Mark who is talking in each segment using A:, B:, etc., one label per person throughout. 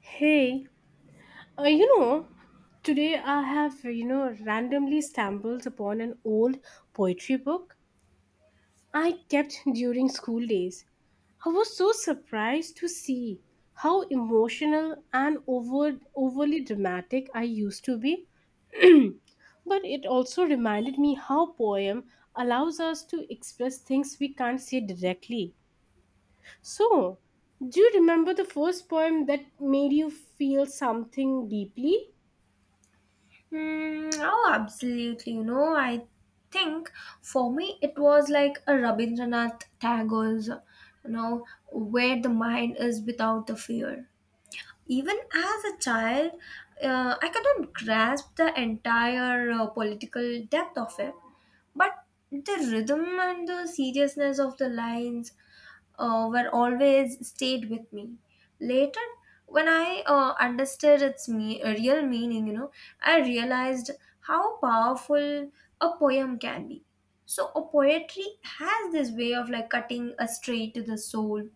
A: Hey, uh, you know, today I have, randomly stumbled upon an old poetry book I kept during school days. I was so surprised to see how emotional and overly dramatic I used to be. But it also reminded me how poem allows us to express things we can't say directly. So, do you remember the first poem that made you feel something deeply?
B: Oh, absolutely. I think for me it was like a Rabindranath Tagore's, you know, where the mind is without the fear. Even as a child, I couldn't grasp the entire political depth of it, but the rhythm and the seriousness of the lines were always stayed with me. Later, when I understood its real meaning, I realized how powerful a poem can be. So, a poetry has this way of like cutting a straight to the soul.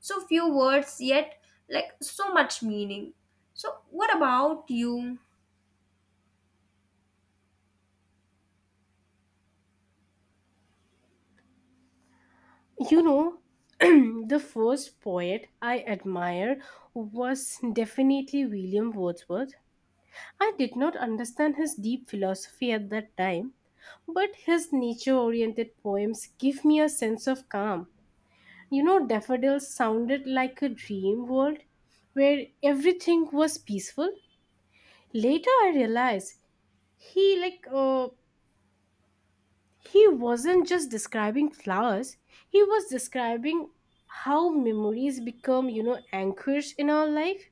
B: So few words, yet like so much meaning. So, what about you?
A: You know, the first poet I admired was definitely William Wordsworth. I did not understand his deep philosophy at that time, but his nature oriented poems give me a sense of calm. You know, daffodils sounded like a dream world where everything was peaceful. Later, I realized he like uh, he wasn't just describing flowers, he was describing how memories become, you know, anchors in our life.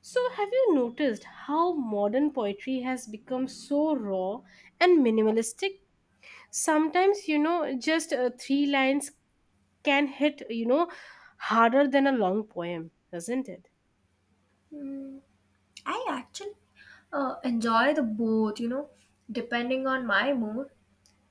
A: So, have you noticed how modern poetry has become so raw and minimalistic? Sometimes, you know, just 3 lines can hit, you know, harder than a long poem, doesn't it?
B: Hmm. I actually enjoy the both, depending on my mood.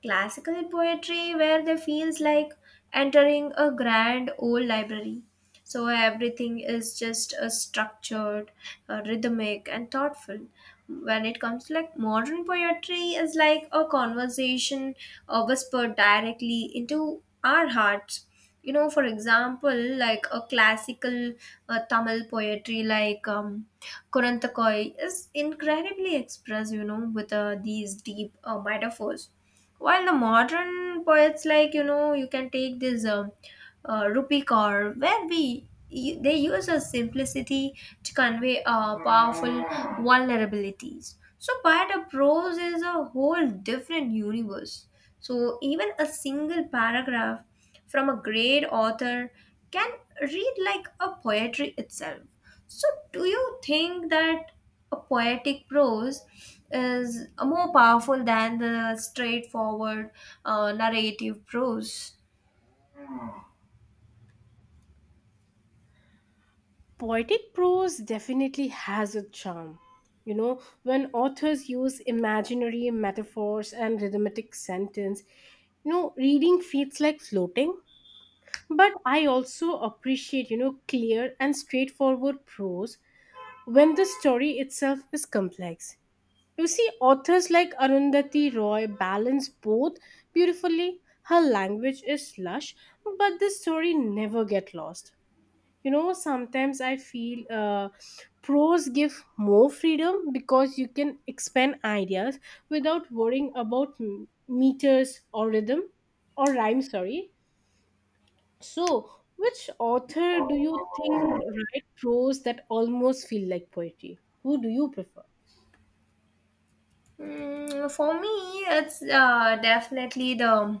B: Classical poetry, where they feels like entering a grand old library. So everything is just structured, rhythmic, and thoughtful. When it comes to like modern poetry, is like a conversation whispered directly into our hearts. For example, like a classical Tamil poetry, like Kurantokoi is incredibly expressed, with these deep metaphors. While the modern poets, like, you can take this, rupee car, where they use a simplicity to convey powerful vulnerabilities. So, but a prose is a whole different universe. So, even a single paragraph from a great author can read like a poetry itself. So, do you think that a poetic prose is more powerful than the straightforward narrative prose?
A: Poetic prose definitely has a charm. You know, when authors use imaginary metaphors and rhythmic sentence, you know, reading feels like floating. But I also appreciate, you know, clear and straightforward prose when the story itself is complex. You see, authors like Arundhati Roy balance both beautifully. Her language is lush, but the story never gets lost. You know, sometimes I feel pros give more freedom because you can expand ideas without worrying about meters or rhythm or rhyme, sorry. So, which author do you think write prose that almost feel like poetry? Who do you prefer?
B: For me, it's definitely the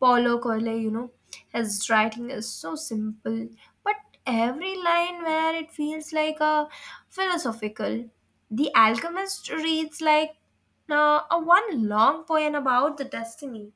B: Paulo Coelho, His writing is so simple, but every line where it feels like a philosophical. The Alchemist reads like a one long poem about the destiny.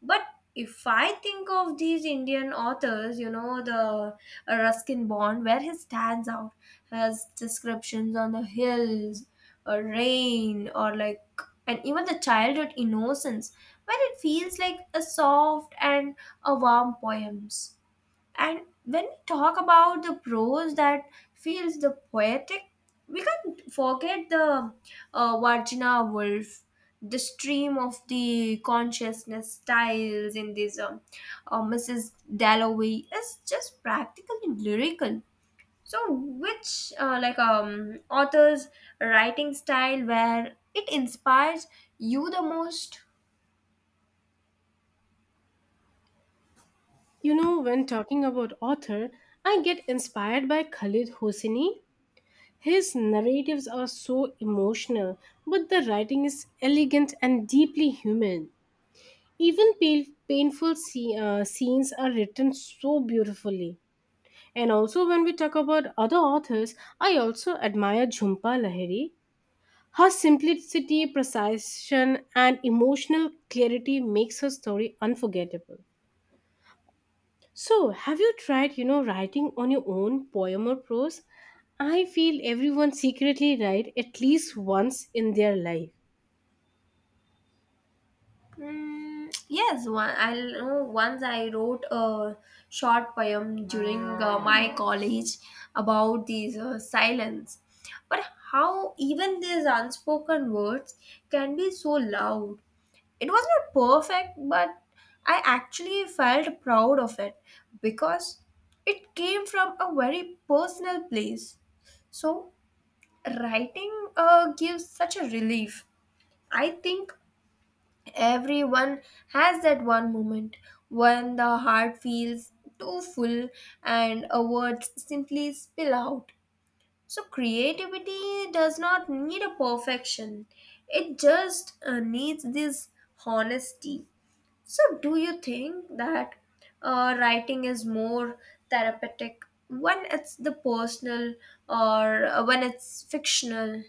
B: But if I think of these Indian authors, the Ruskin Bond, where he stands out, has descriptions on the hills, or rain, or like, and even the childhood innocence, where it feels like a soft and a warm poems. And when we talk about the prose that feels the poetic, we can't forget the Virginia Woolf, the stream of the consciousness styles in this Mrs. Dalloway is just practically lyrical. So, which like author's writing style where it inspires you the most?
A: You know, when talking about author, I get inspired by Khalid Hosseini. His narratives are so emotional, but the writing is elegant and deeply human. Even painful scenes are written so beautifully. And also, when we talk about other authors, I also admire Jhumpa Lahiri. Her simplicity, precision, and emotional clarity makes her story unforgettable. So, have you tried, you know, writing on your own poem or prose? I feel everyone secretly write at least once in their life.
B: Yes, one. I know once I wrote a short poem during my college about these silence, but how even these unspoken words can be so loud. It was not perfect, but I actually felt proud of it because it came from a very personal place. So writing gives such a relief. I think everyone has that one moment when the heart feels too full and words simply spill out. So, creativity does not need a perfection, it just needs this honesty. So, do you think that writing is more therapeutic when it's the personal or when it's fictional?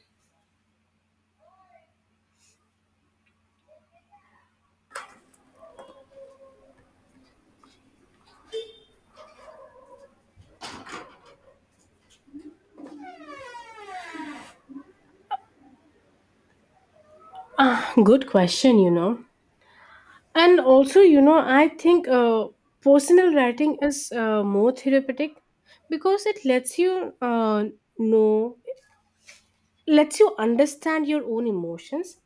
A: Good question, you know. And also, I think personal writing is more therapeutic because it lets you know, lets you understand your own emotions.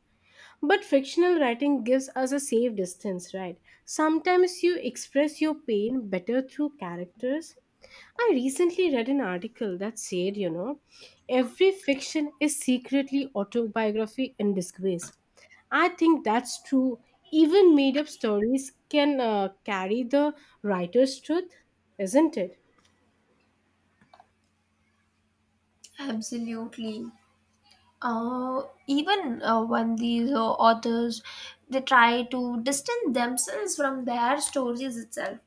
A: But fictional writing gives us a safe distance, right? Sometimes you express your pain better through characters. I recently read an article that said, you know, every fiction is secretly autobiography in disgrace. I think that's true. Even made up stories can carry the writer's truth, isn't it?
B: Absolutely. uh, Even when these authors they try to distance themselves from their stories itself,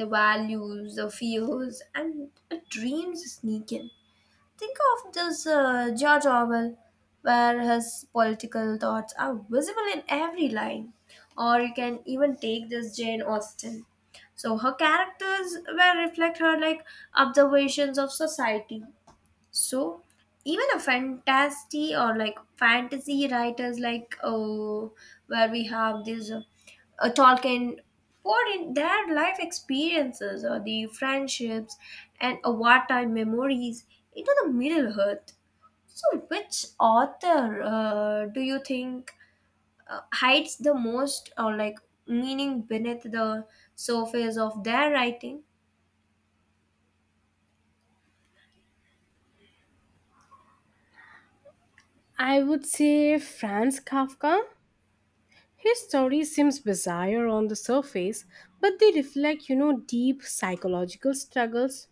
B: the values, the fears, and the dreams sneak in. Think of this George Orwell, where his political thoughts are visible in every line. Or you can even take this Jane Austen. So her characters were reflect her like observations of society. So even a fantasy or like fantasy writers like oh, where we have this Tolkien poured in their life experiences or the friendships and wartime memories into the Middle Earth. So which author do you think hides the most or like meaning beneath the surface of their writing?
A: I would say Franz Kafka. His story seems bizarre on the surface, but they reflect, you know, deep psychological struggles,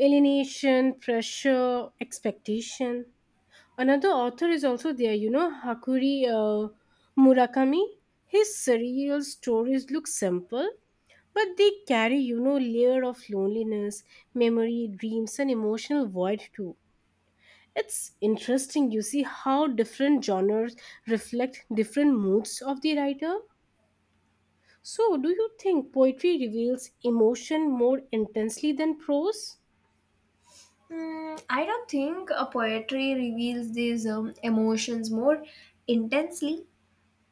A: alienation, pressure, expectation. Another author is also there, you know, Hakuri Murakami. His surreal stories look simple, but they carry, you know, layer of loneliness, memory, dreams, and emotional void too. It's interesting, you see, how different genres reflect different moods of the writer. So, do you think poetry reveals emotion more intensely than prose?
B: I don't think a poetry reveals these emotions more intensely.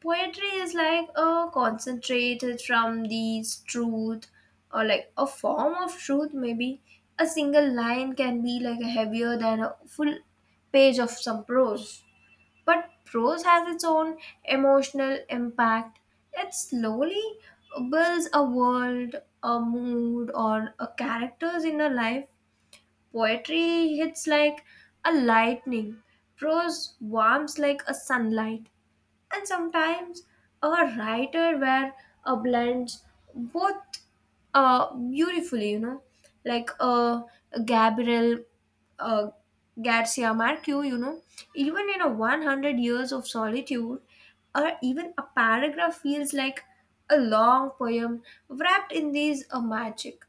B: Poetry is like a concentrated from these truth or like a form of truth maybe. A single line can be like a heavier than a full page of some prose. But prose has its own emotional impact. It slowly builds a world, a mood or a characters in a life. Poetry hits like a lightning, prose warms like a sunlight, and sometimes a writer where a blends both beautifully, like Gabriel uh, Garcia Marquez, even in a 100 years of solitude, or even a paragraph feels like a long poem wrapped in these magic.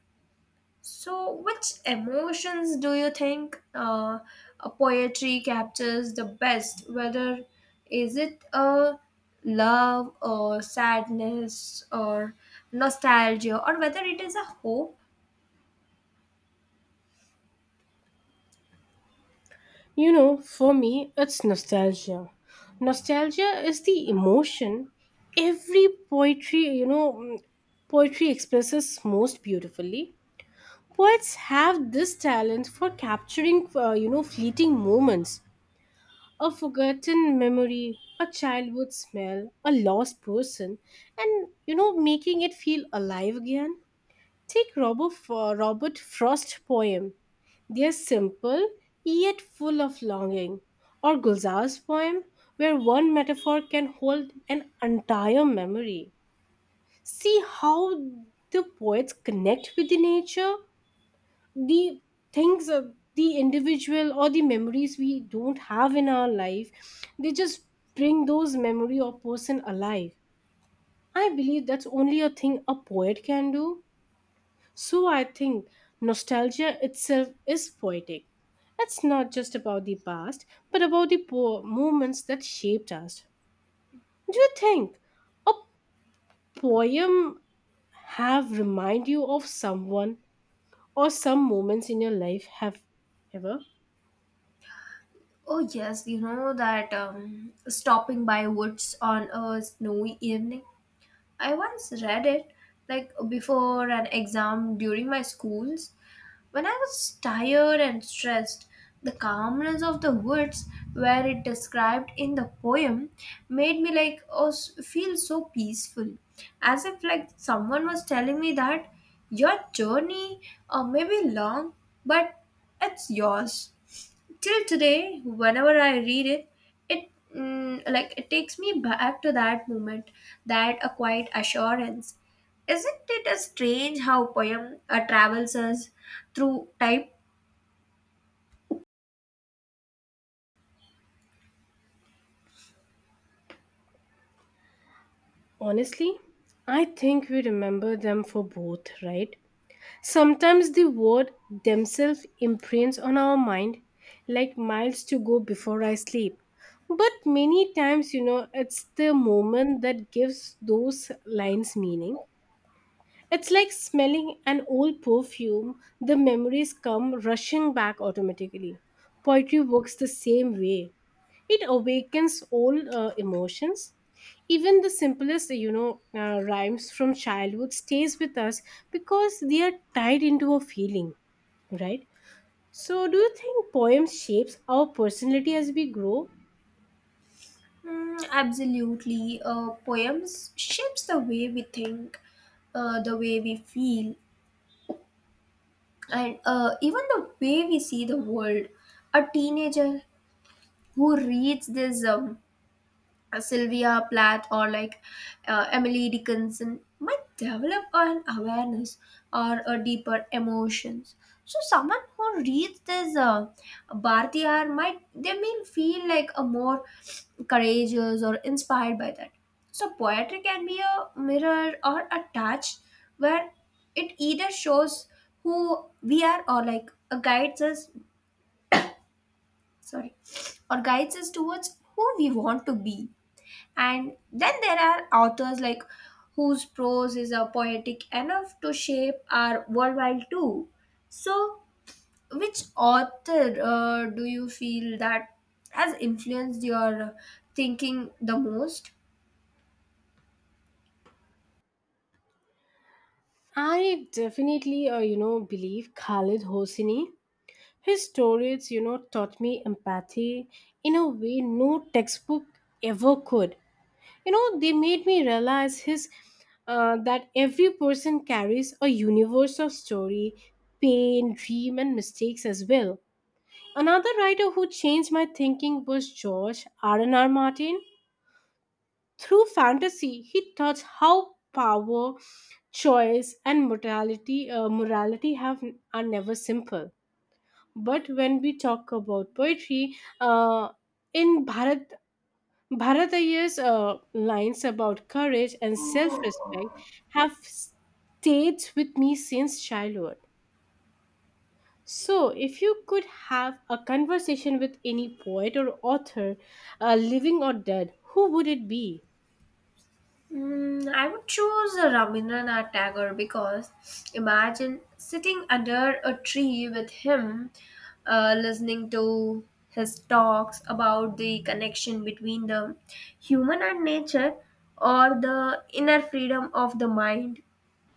B: So, which emotions do you think a poetry captures the best? Whether is it a love or sadness or nostalgia, or whether it is a hope?
A: You know, for me, it's nostalgia. Nostalgia is the emotion every poetry, you know, mm, poetry expresses most beautifully. Poets have this talent for capturing, you know, fleeting moments. A forgotten memory, a childhood smell, a lost person, and, you know, making it feel alive again. Take Robert Frost's poem. They are simple yet full of longing. Or Gulzar's poem, where one metaphor can hold an entire memory. See how the poets connect with the nature, the things of the individual or the memories we don't have in our life. They just bring those memory or person alive. I believe that's only a thing a poet can do. So I think nostalgia itself is poetic. It's not just about the past, but about the moments that shaped us. Do you think a poem have remind you of someone or some moments in your life have ever?
B: Oh yes, you know that stopping by woods on a snowy evening, I once read it like before an exam during my school's. When I was tired and stressed, the calmness of the woods where it described in the poem made me like feel so peaceful, as if like someone was telling me that your journey may be long, but it's yours. Till today whenever I read it, it like it takes me back to that moment, that a quiet assurance. Isn't it a strange how poem travels us through type?
A: Honestly, I think we remember them for both, right? Sometimes the word themselves imprints on our mind like miles to go before I sleep. But many times, you know, it's the moment that gives those lines meaning. It's like smelling an old perfume, the memories come rushing back automatically. Poetry works the same way. It awakens all emotions. Even the simplest, rhymes from childhood stays with us because they are tied into a feeling, right? So, do you think poems shapes our personality as we grow?
B: Absolutely, poems shapes the way we think, the way we feel, and even the way we see the world. A teenager who reads this Sylvia Plath or like Emily Dickinson might develop an awareness or a deeper emotions. So someone who reads this Bhartiyar might they may feel like a more courageous or inspired by that. So poetry can be a mirror or a touch where it either shows who we are or like guides us, sorry, or guides us towards who we want to be. And then there are authors like whose prose is poetic enough to shape our worldwide too. So, which author do you feel that has influenced your thinking the most?
A: I definitely, believe Khalid Hosseini. His stories, you know, taught me empathy in a way no textbook ever could. You know, they made me realize his that every person carries a universe of story, pain, dream, and mistakes as well. Another writer who changed my thinking was George R and R Martin. Through fantasy he taught how power, choice, and mortality morality have are never simple. But when we talk about poetry, uh, in Bharatayya's lines about courage and self respect have stayed with me since childhood. So, if you could have a conversation with any poet or author, living or dead, who would it be?
B: I would choose a Rabindranath Tagore because imagine sitting under a tree with him, listening to his talks about the connection between the human and nature or the inner freedom of the mind.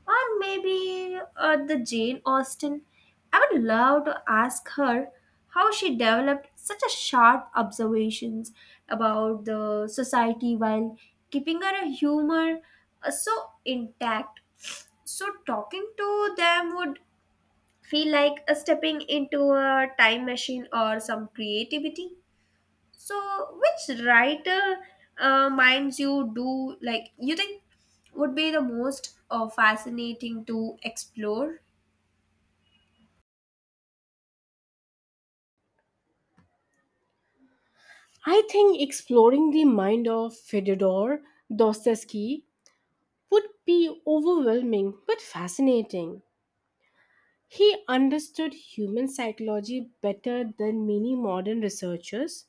B: Or maybe the Jane Austen. I would love to ask her how she developed such a sharp observations about the society while keeping her humor so intact. So talking to them would feel like a stepping into a time machine or some creativity. So, which writer minds you do like you think would be the most fascinating to explore?
A: I think exploring the mind of Fyodor Dostoevsky would be overwhelming but fascinating. He understood human psychology better than many modern researchers.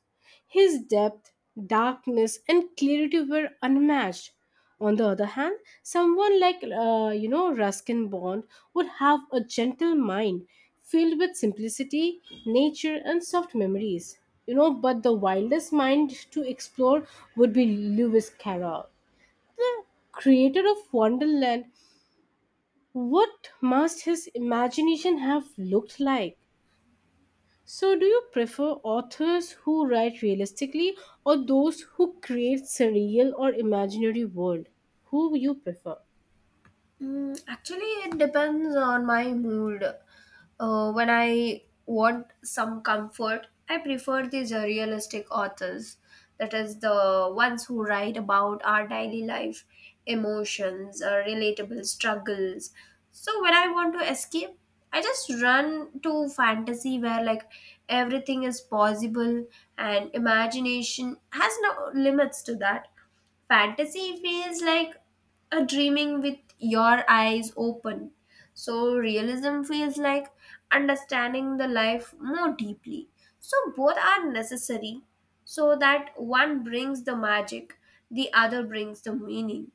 A: His depth, darkness, and clarity were unmatched. On the other hand, someone like Ruskin Bond would have a gentle mind filled with simplicity, nature, and soft memories. You know, but the wildest mind to explore would be Lewis Carroll, the creator of Wonderland. What must his imagination have looked like? So, do you prefer authors who write realistically or those who create surreal or imaginary world? Who you prefer?
B: Actually, it depends on my mood. When I want some comfort, I prefer these realistic authors. That is, the ones who write about our daily life, emotions, relatable struggles. So, when I want to escape, I just run to fantasy where like everything is possible and imagination has no limits to that. Fantasy feels like a dreaming with your eyes open. So realism feels like understanding the life more deeply. So both are necessary, so that one brings the magic, the other brings the meaning.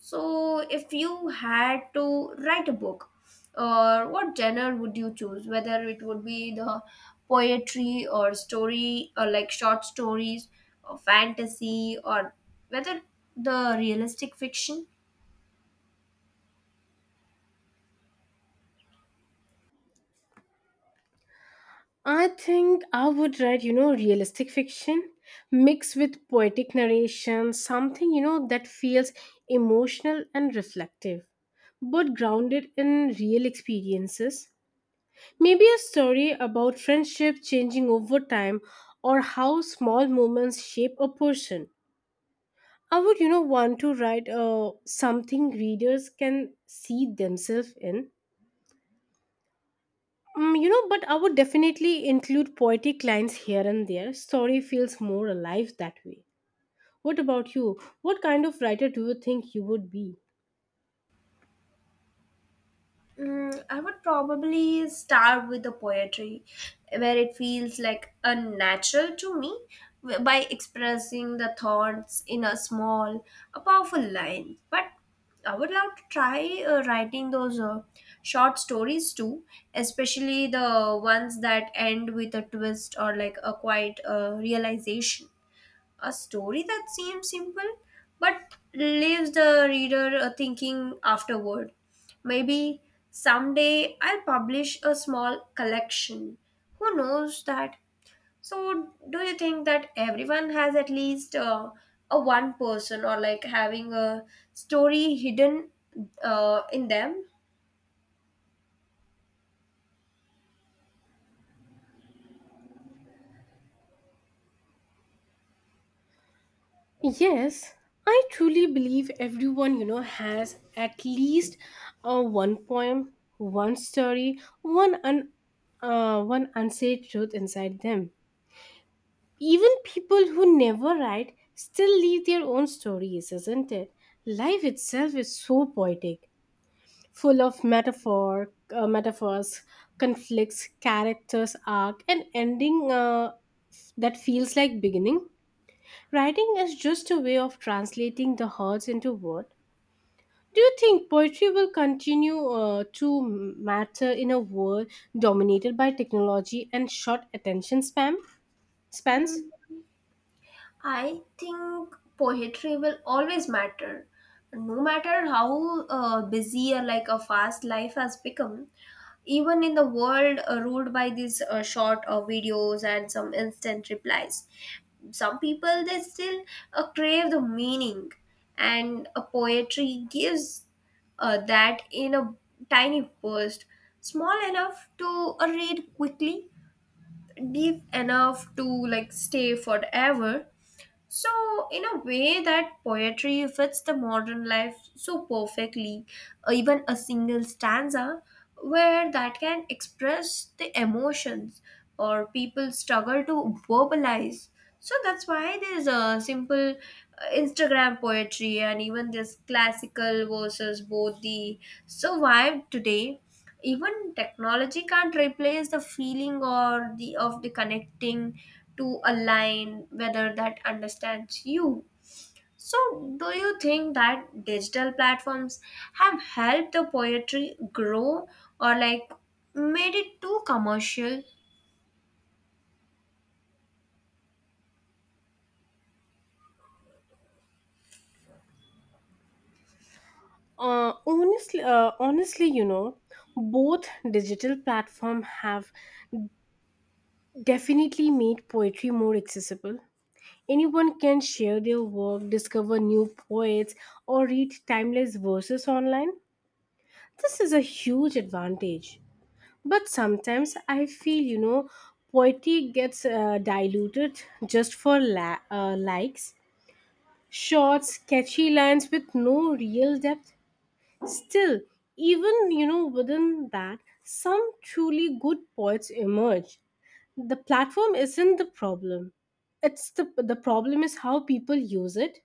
B: So, if you had to write a book, what genre would you choose? Whether it would be the poetry or story or like short stories or fantasy or whether the realistic fiction?
A: I think I would write, you know, realistic fiction mixed with poetic narration, something, you know, that feels emotional and reflective, but grounded in real experiences. Maybe a story about friendship changing over time or how small moments shape a person. I would, you know, want to write something readers can see themselves in. Mm, you know, but I would definitely include poetic lines here and there. Story feels more alive that way. What about you? What kind of writer do you think you would be?
B: I would probably start with the poetry, where it feels like unnatural to me by expressing the thoughts in a small, a powerful line. But I would love to try writing those short stories too, especially the ones that end with a twist or like a quiet realization. A story that seems simple but leaves the reader thinking afterward. Maybe someday I'll publish a small collection. Who knows that? So, do you think that everyone has at least a one person or like having a story hidden in them?
A: Yes, I truly believe everyone, you know, has at least one poem, one story, one unsaid truth inside them. Even people who never write still leave their own stories, isn't it? Life itself is so poetic, full of metaphors, conflicts, characters, arc, and ending that feels like beginning. Writing is just a way of translating the hurts into words. Do you think poetry will continue to matter in a world dominated by technology and short attention spam
B: Hmm.
A: spans?
B: I think poetry will always matter. No matter how busy or like a fast life has become, even in the world ruled by these short videos and some instant replies, some people they still crave the meaning, and a poetry gives that in a tiny burst, small enough to read quickly, deep enough to like stay forever. So, in a way, that poetry fits the modern life so perfectly, even a single stanza where that can express the emotions or people struggle to verbalize. So, that's why there's a simple Instagram poetry and even this classical versus both the survived today. Even technology can't replace the feeling or the of the connecting to a line whether that understands you. So, do you think that digital platforms have helped the poetry grow or like made it too commercial?
A: Honestly, you know, both digital platforms have definitely made poetry more accessible. Anyone can share their work, discover new poets, or read timeless verses online. This is a huge advantage. But sometimes I feel, you know, poetry gets diluted just for likes, short, catchy lines with no real depth. Still, even, you know, within that, some truly good poets emerge. The platform isn't the problem. It's The problem is how people use it.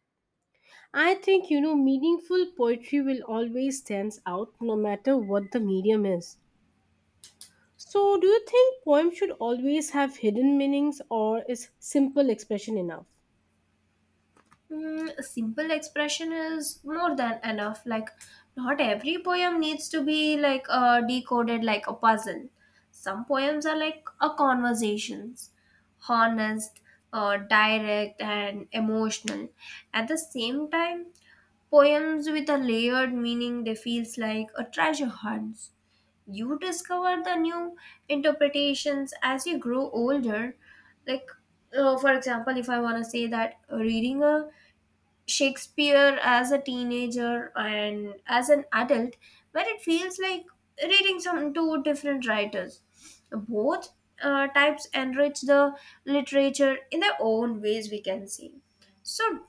A: I think, you know, meaningful poetry will always stands out no matter what the medium is. So, do you think poems should always have hidden meanings or is simple expression enough?
B: A simple expression is more than enough. Like, not every poem needs to be like decoded like a puzzle. Some poems are like a conversations, honest, direct, and emotional. At the same time, poems with a layered meaning they feels like a treasure hunt. You discover the new interpretations as you grow older. Like, for example, if I want to say that reading a Shakespeare as a teenager and as an adult, where it feels like reading some two different writers. Both types enrich the literature in their own ways, we can see. So,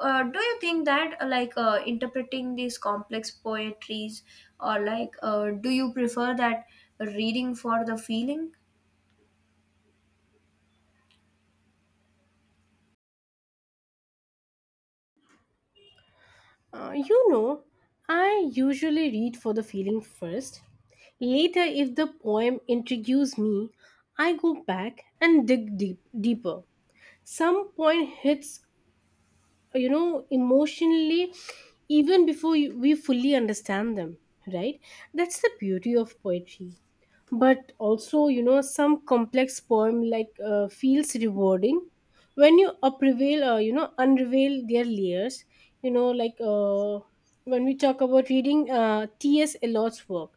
B: do you think that interpreting these complex poetries, or do you prefer that reading for the feeling?
A: You know, I usually read for the feeling first. Later, if the poem intrigues me, I go back and deeper. Some poem hits, you know, emotionally even before we fully understand them, right? That's the beauty of poetry. But also, you know, some complex poem feels rewarding when you unravel their layers, you know, when we talk about reading ts Eliot's work,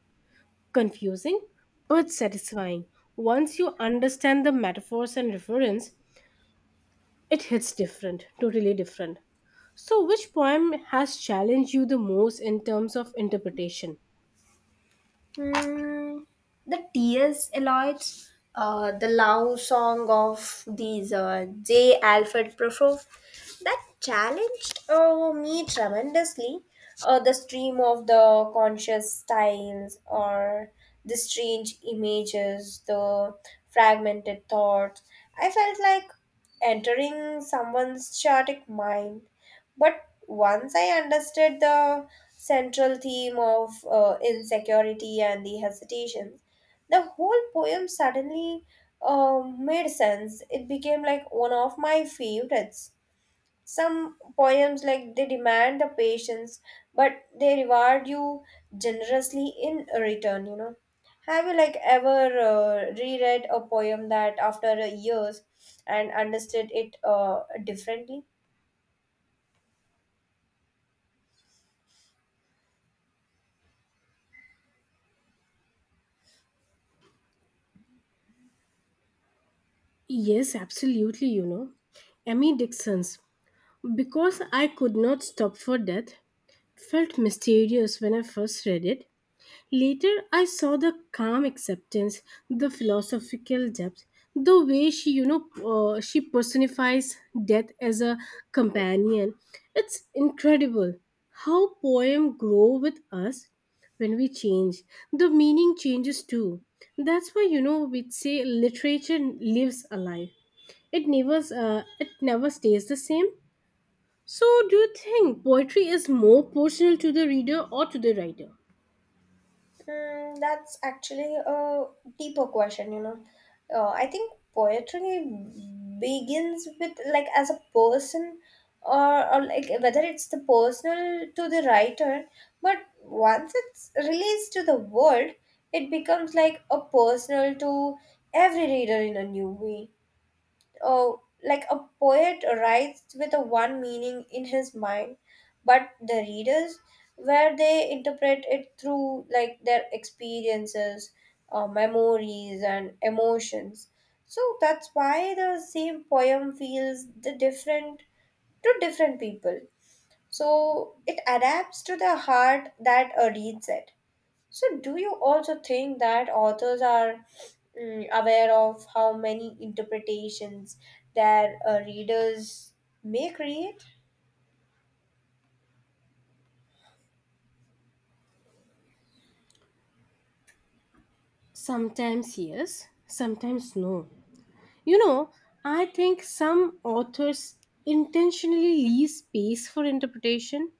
A: confusing but satisfying. Once you understand the metaphors and reference, it hits different, totally different. So, which poem has challenged you the most in terms of interpretation?
B: Mm, the tears alloys, the love song of these J. Alfred Prufroff that challenged me tremendously. The stream of the conscious styles or the strange images, the fragmented thoughts. I felt like entering someone's chaotic mind, but once I understood the central theme of insecurity and the hesitations, the whole poem suddenly made sense. It became like one of my favorites. Some poems, like, they demand the patience, but they reward you generously in return. You know, have you like ever reread a poem that after years and understood it differently?
A: Yes, absolutely, you know. Emmy Dixon's Because I Could Not Stop for Death felt mysterious when I first read it. Later, I saw the calm acceptance, the philosophical depth, the way she personifies death as a companion. It's incredible how poems grow with us. When we change, the meaning changes too. That's why, you know, we say literature lives alive. It never stays the same. So, do you think poetry is more personal to the reader or to the writer?
B: Mm, that's actually a deeper question, you know. I think poetry begins with, like, as a person, or like whether it's the personal to the writer, but once it's released to the world, it becomes like a personal to every reader in a new way. Oh, like a poet writes with a one meaning in his mind, but the readers, where they interpret it through like their experiences, memories, and emotions. So that's why the same poem feels the different to different people. So it adapts to the heart that reads it. So, do you also think that authors are, mm, aware of how many interpretations their readers may create?
A: Sometimes yes, sometimes no. You know, I think some authors intentionally leave space for interpretation.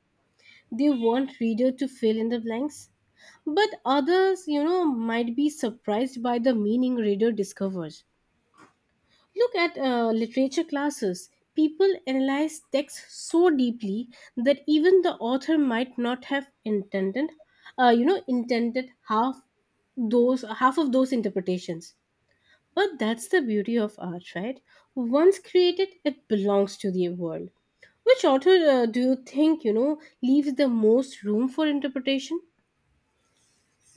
A: They want reader to fill in the blanks. But others, you know, might be surprised by the meaning reader discovers. Look at literature classes. People analyze texts so deeply that even the author might not have intended half those half of those interpretations. But that's the beauty of art, right? Once created, it belongs to the world. Which author do you think, leaves the most room for interpretation?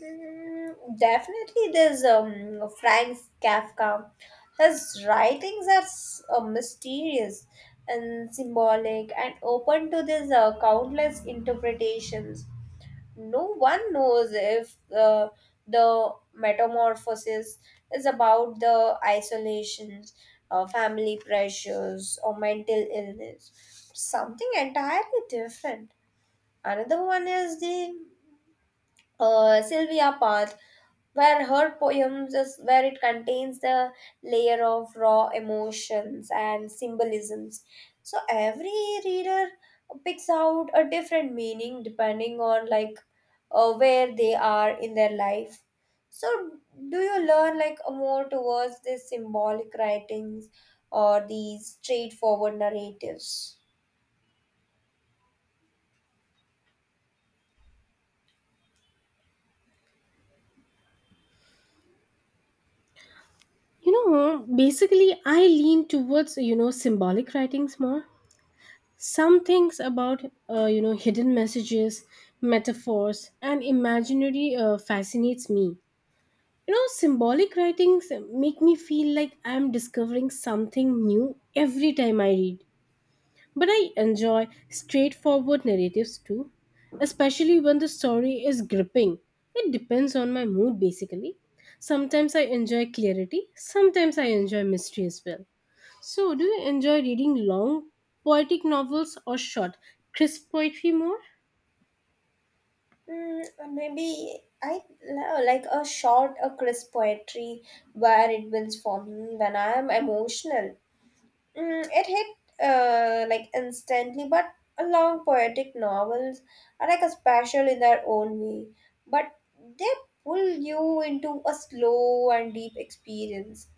B: Mm, definitely, there's Franz Kafka. His writings are mysterious and symbolic and open to these countless interpretations. No one knows if the metamorphosis is about the isolations, family pressures, or mental illness. Something entirely different. Another one is the Sylvia Path, where her poems is where it contains the layer of raw emotions and symbolisms. So every reader picks out a different meaning depending on like where they are in their life. So do you learn like more towards this symbolic writings or these straightforward narratives?
A: I lean towards, symbolic writings more. Some things about, hidden messages, metaphors, and imaginary fascinates me. You know, symbolic writings make me feel like I'm discovering something new every time I read. But I enjoy straightforward narratives too, especially when the story is gripping. It depends on my mood basically. Sometimes I enjoy clarity, sometimes I enjoy mystery as well. So, do you enjoy reading long poetic novels or short, crisp poetry more?
B: Mm, maybe I love like a short, a crisp poetry where it builds for me when I am emotional. Mm, it hit like instantly, but a long poetic novels are like a special in their own way, but they pull you into a slow and deep experience.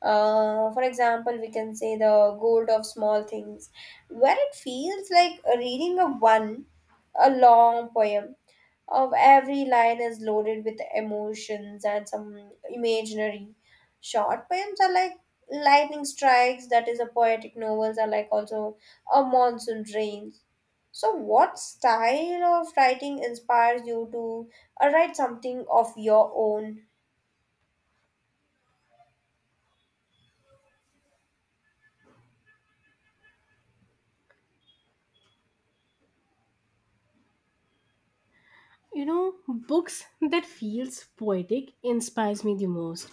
B: For example, we can say the gold of small things, where it feels like reading a one, a long poem of every line is loaded with emotions and some imaginary. Short poems are like lightning strikes, that is, a poetic novels are like also a monsoon rains. So, what style of writing inspires you to write something of your own?
A: You know, books that feels poetic inspires me the most.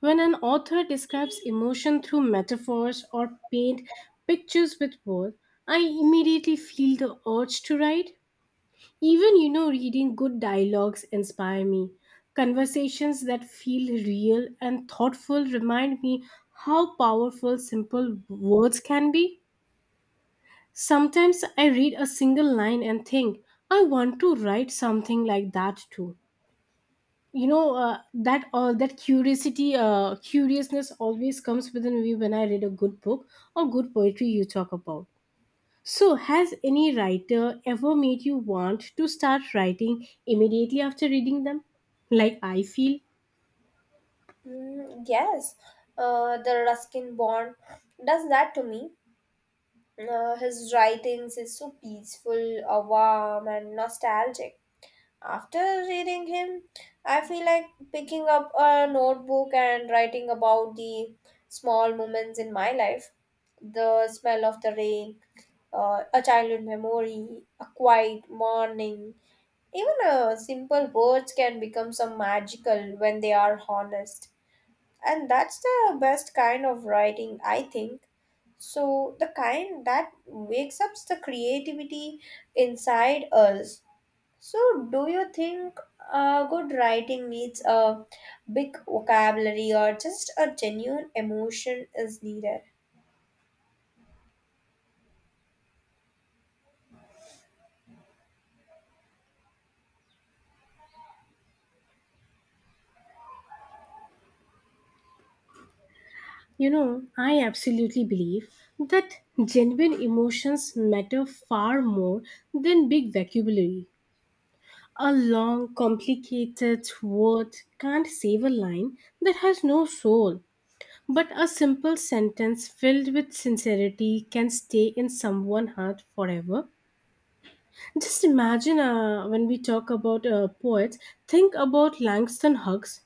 A: When an author describes emotion through metaphors or paint pictures with words, I immediately feel the urge to write. Even you know reading good dialogues inspire me. Conversations that feel real and thoughtful remind me how powerful simple words can be. Sometimes I read a single line and think, I want to write something like that too you know that that curiosity curiousness always comes within me when I read a good book or good poetry you talk about. So has any writer ever made you want to start writing immediately after reading them, like I feel?
B: Mm, yes, the Ruskin Bond does that to me. His writings is so peaceful, warm, and nostalgic. After reading him, I feel like picking up a notebook and writing about the small moments in my life: the smell of the rain, a childhood memory, a quiet morning. Even simple words can become some magical when they are honest. And that's the best kind of writing, I think. So, the kind that wakes up the creativity inside us. So, do you think good writing needs a big vocabulary or just a genuine emotion is needed?
A: You know, I absolutely believe that genuine emotions matter far more than big vocabulary. A long complicated word can't save a line that has no soul. But a simple sentence filled with sincerity can stay in someone's heart forever. Just imagine when we talk about poets, think about Langston Hughes.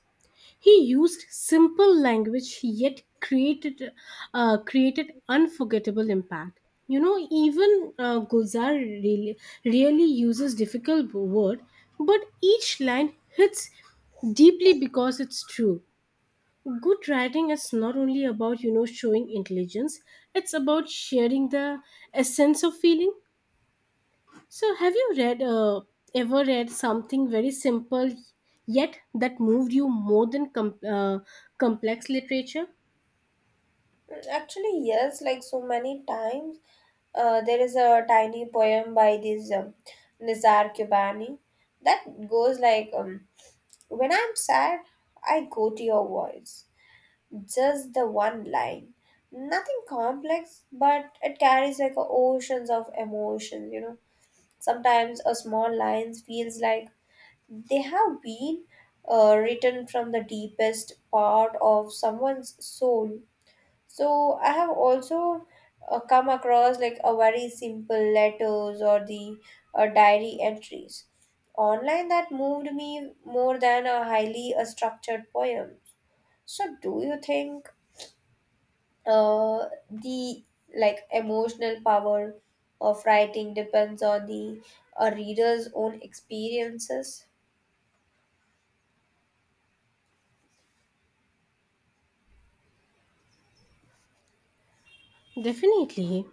A: He used simple language yet created created unforgettable impact. You know, even Gulzar really, really uses difficult word, but each line hits deeply because it's true. Good writing is not only about, you know, showing intelligence. It's about sharing the essence of feeling. So have you read ever read something very simple yet that moved you more than complex literature?
B: Mm, actually, yes, like so many times, there is a tiny poem by this Nizar Kubani that goes like, when I'm sad, I go to your voice. Just the one line. Nothing complex, but it carries like a oceans of emotions, you know. Sometimes a small line feels like they have been written from the deepest part of someone's soul. So I have also come across like a very simple letters or the diary entries online that moved me more than a highly structured poem. So do you think the like emotional power of writing depends on the a reader's own experiences?
A: Definitely.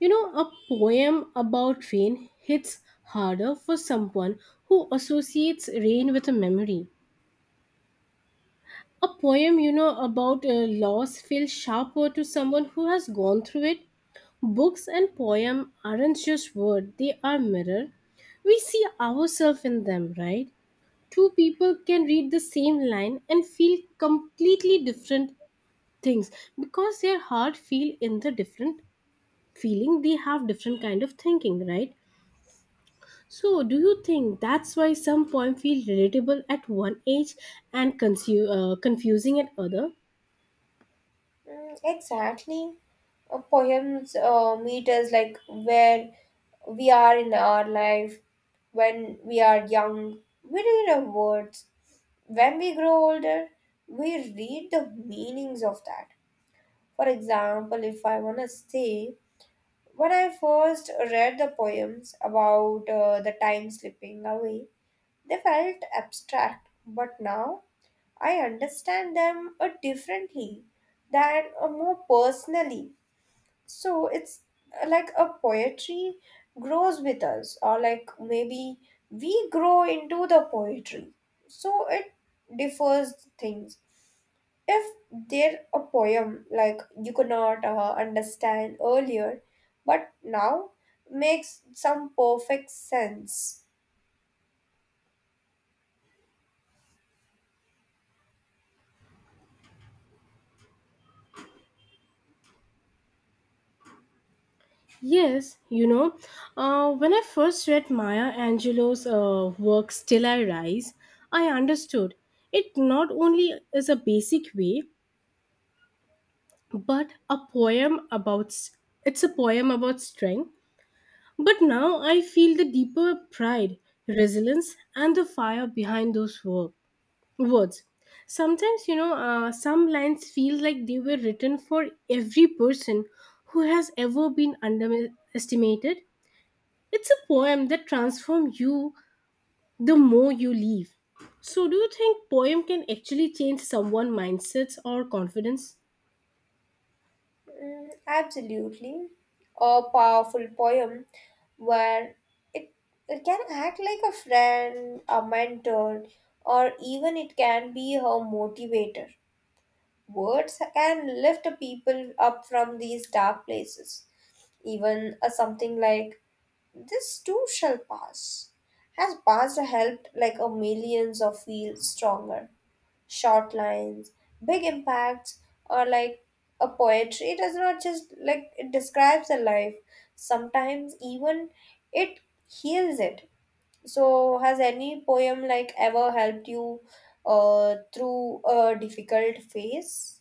A: You know, a poem about rain hits harder for someone who associates rain with a memory. A poem, you know, about a loss feels sharper to someone who has gone through it. Books and poem aren't just words, they are mirror. We see ourselves in them, right? Two people can read the same line and feel completely different things, because their heart feel in the different feeling, they have different kind of thinking, right? So do you think that's why some poem feel relatable at one age and confusing at other?
B: Mm, exactly. Poems meet us like where we are in our life. When we are young, we read our words. When we grow older, we read the meanings of that. For example, if I want to say, when I first read the poems about the time slipping away, they felt abstract, but now I understand them differently, than more personally. So it's like a poetry grows with us, or like maybe we grow into the poetry. So it differs things. If there a poem like you could not understand earlier, but now makes some perfect sense.
A: Yes, you know, when I first read Maya Angelou's work Still I Rise, I understood it not only is a basic way, but a poem about strength. But now I feel the deeper pride, resilience, and the fire behind those words. Sometimes, you know, some lines feel like they were written for every person who has ever been underestimated. It's a poem that transforms you the more you leave. So, do you think poem can actually change someone's mindsets or confidence?
B: Mm, absolutely. A powerful poem where it, it can act like a friend, a mentor, or even it can be a motivator. Words can lift people up from these dark places. Even something like this too shall pass has passed helped like a millions of feel stronger. Short lines, big impacts, or like a poetry. It does not just like it describes a life. Sometimes even it heals it. So has any poem like ever helped you through a difficult phase?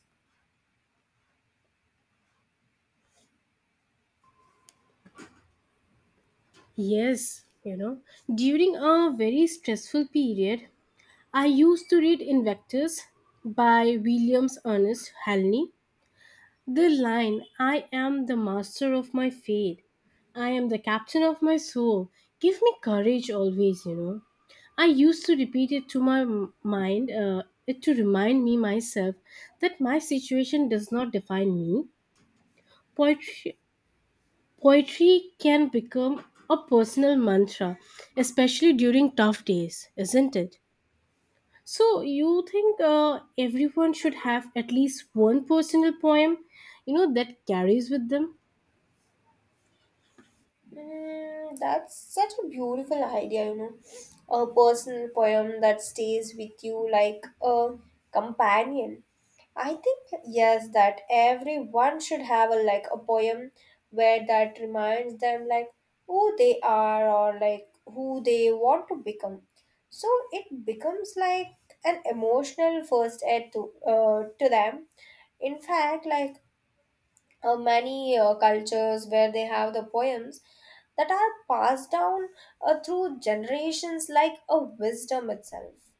A: Yes, you know, during a very stressful period, I used to read Invectors by Williams Ernest Halney. The line, I am the master of my fate, I am the captain of my soul, give me courage always, you know. I used to repeat it to my mind, it to remind me myself that my situation does not define me. Poetry, poetry can become a personal mantra, especially during tough days, isn't it? So you think everyone should have at least one personal poem, you know, that carries with them?
B: Mm, that's such a beautiful idea, you know. A personal poem that stays with you like a companion. I think, yes, that everyone should have a like a poem where that reminds them like who they are or like who they want to become. So it becomes like an emotional first aid to to them. In fact, like many cultures where they have the poems that are passed down through generations like a wisdom itself.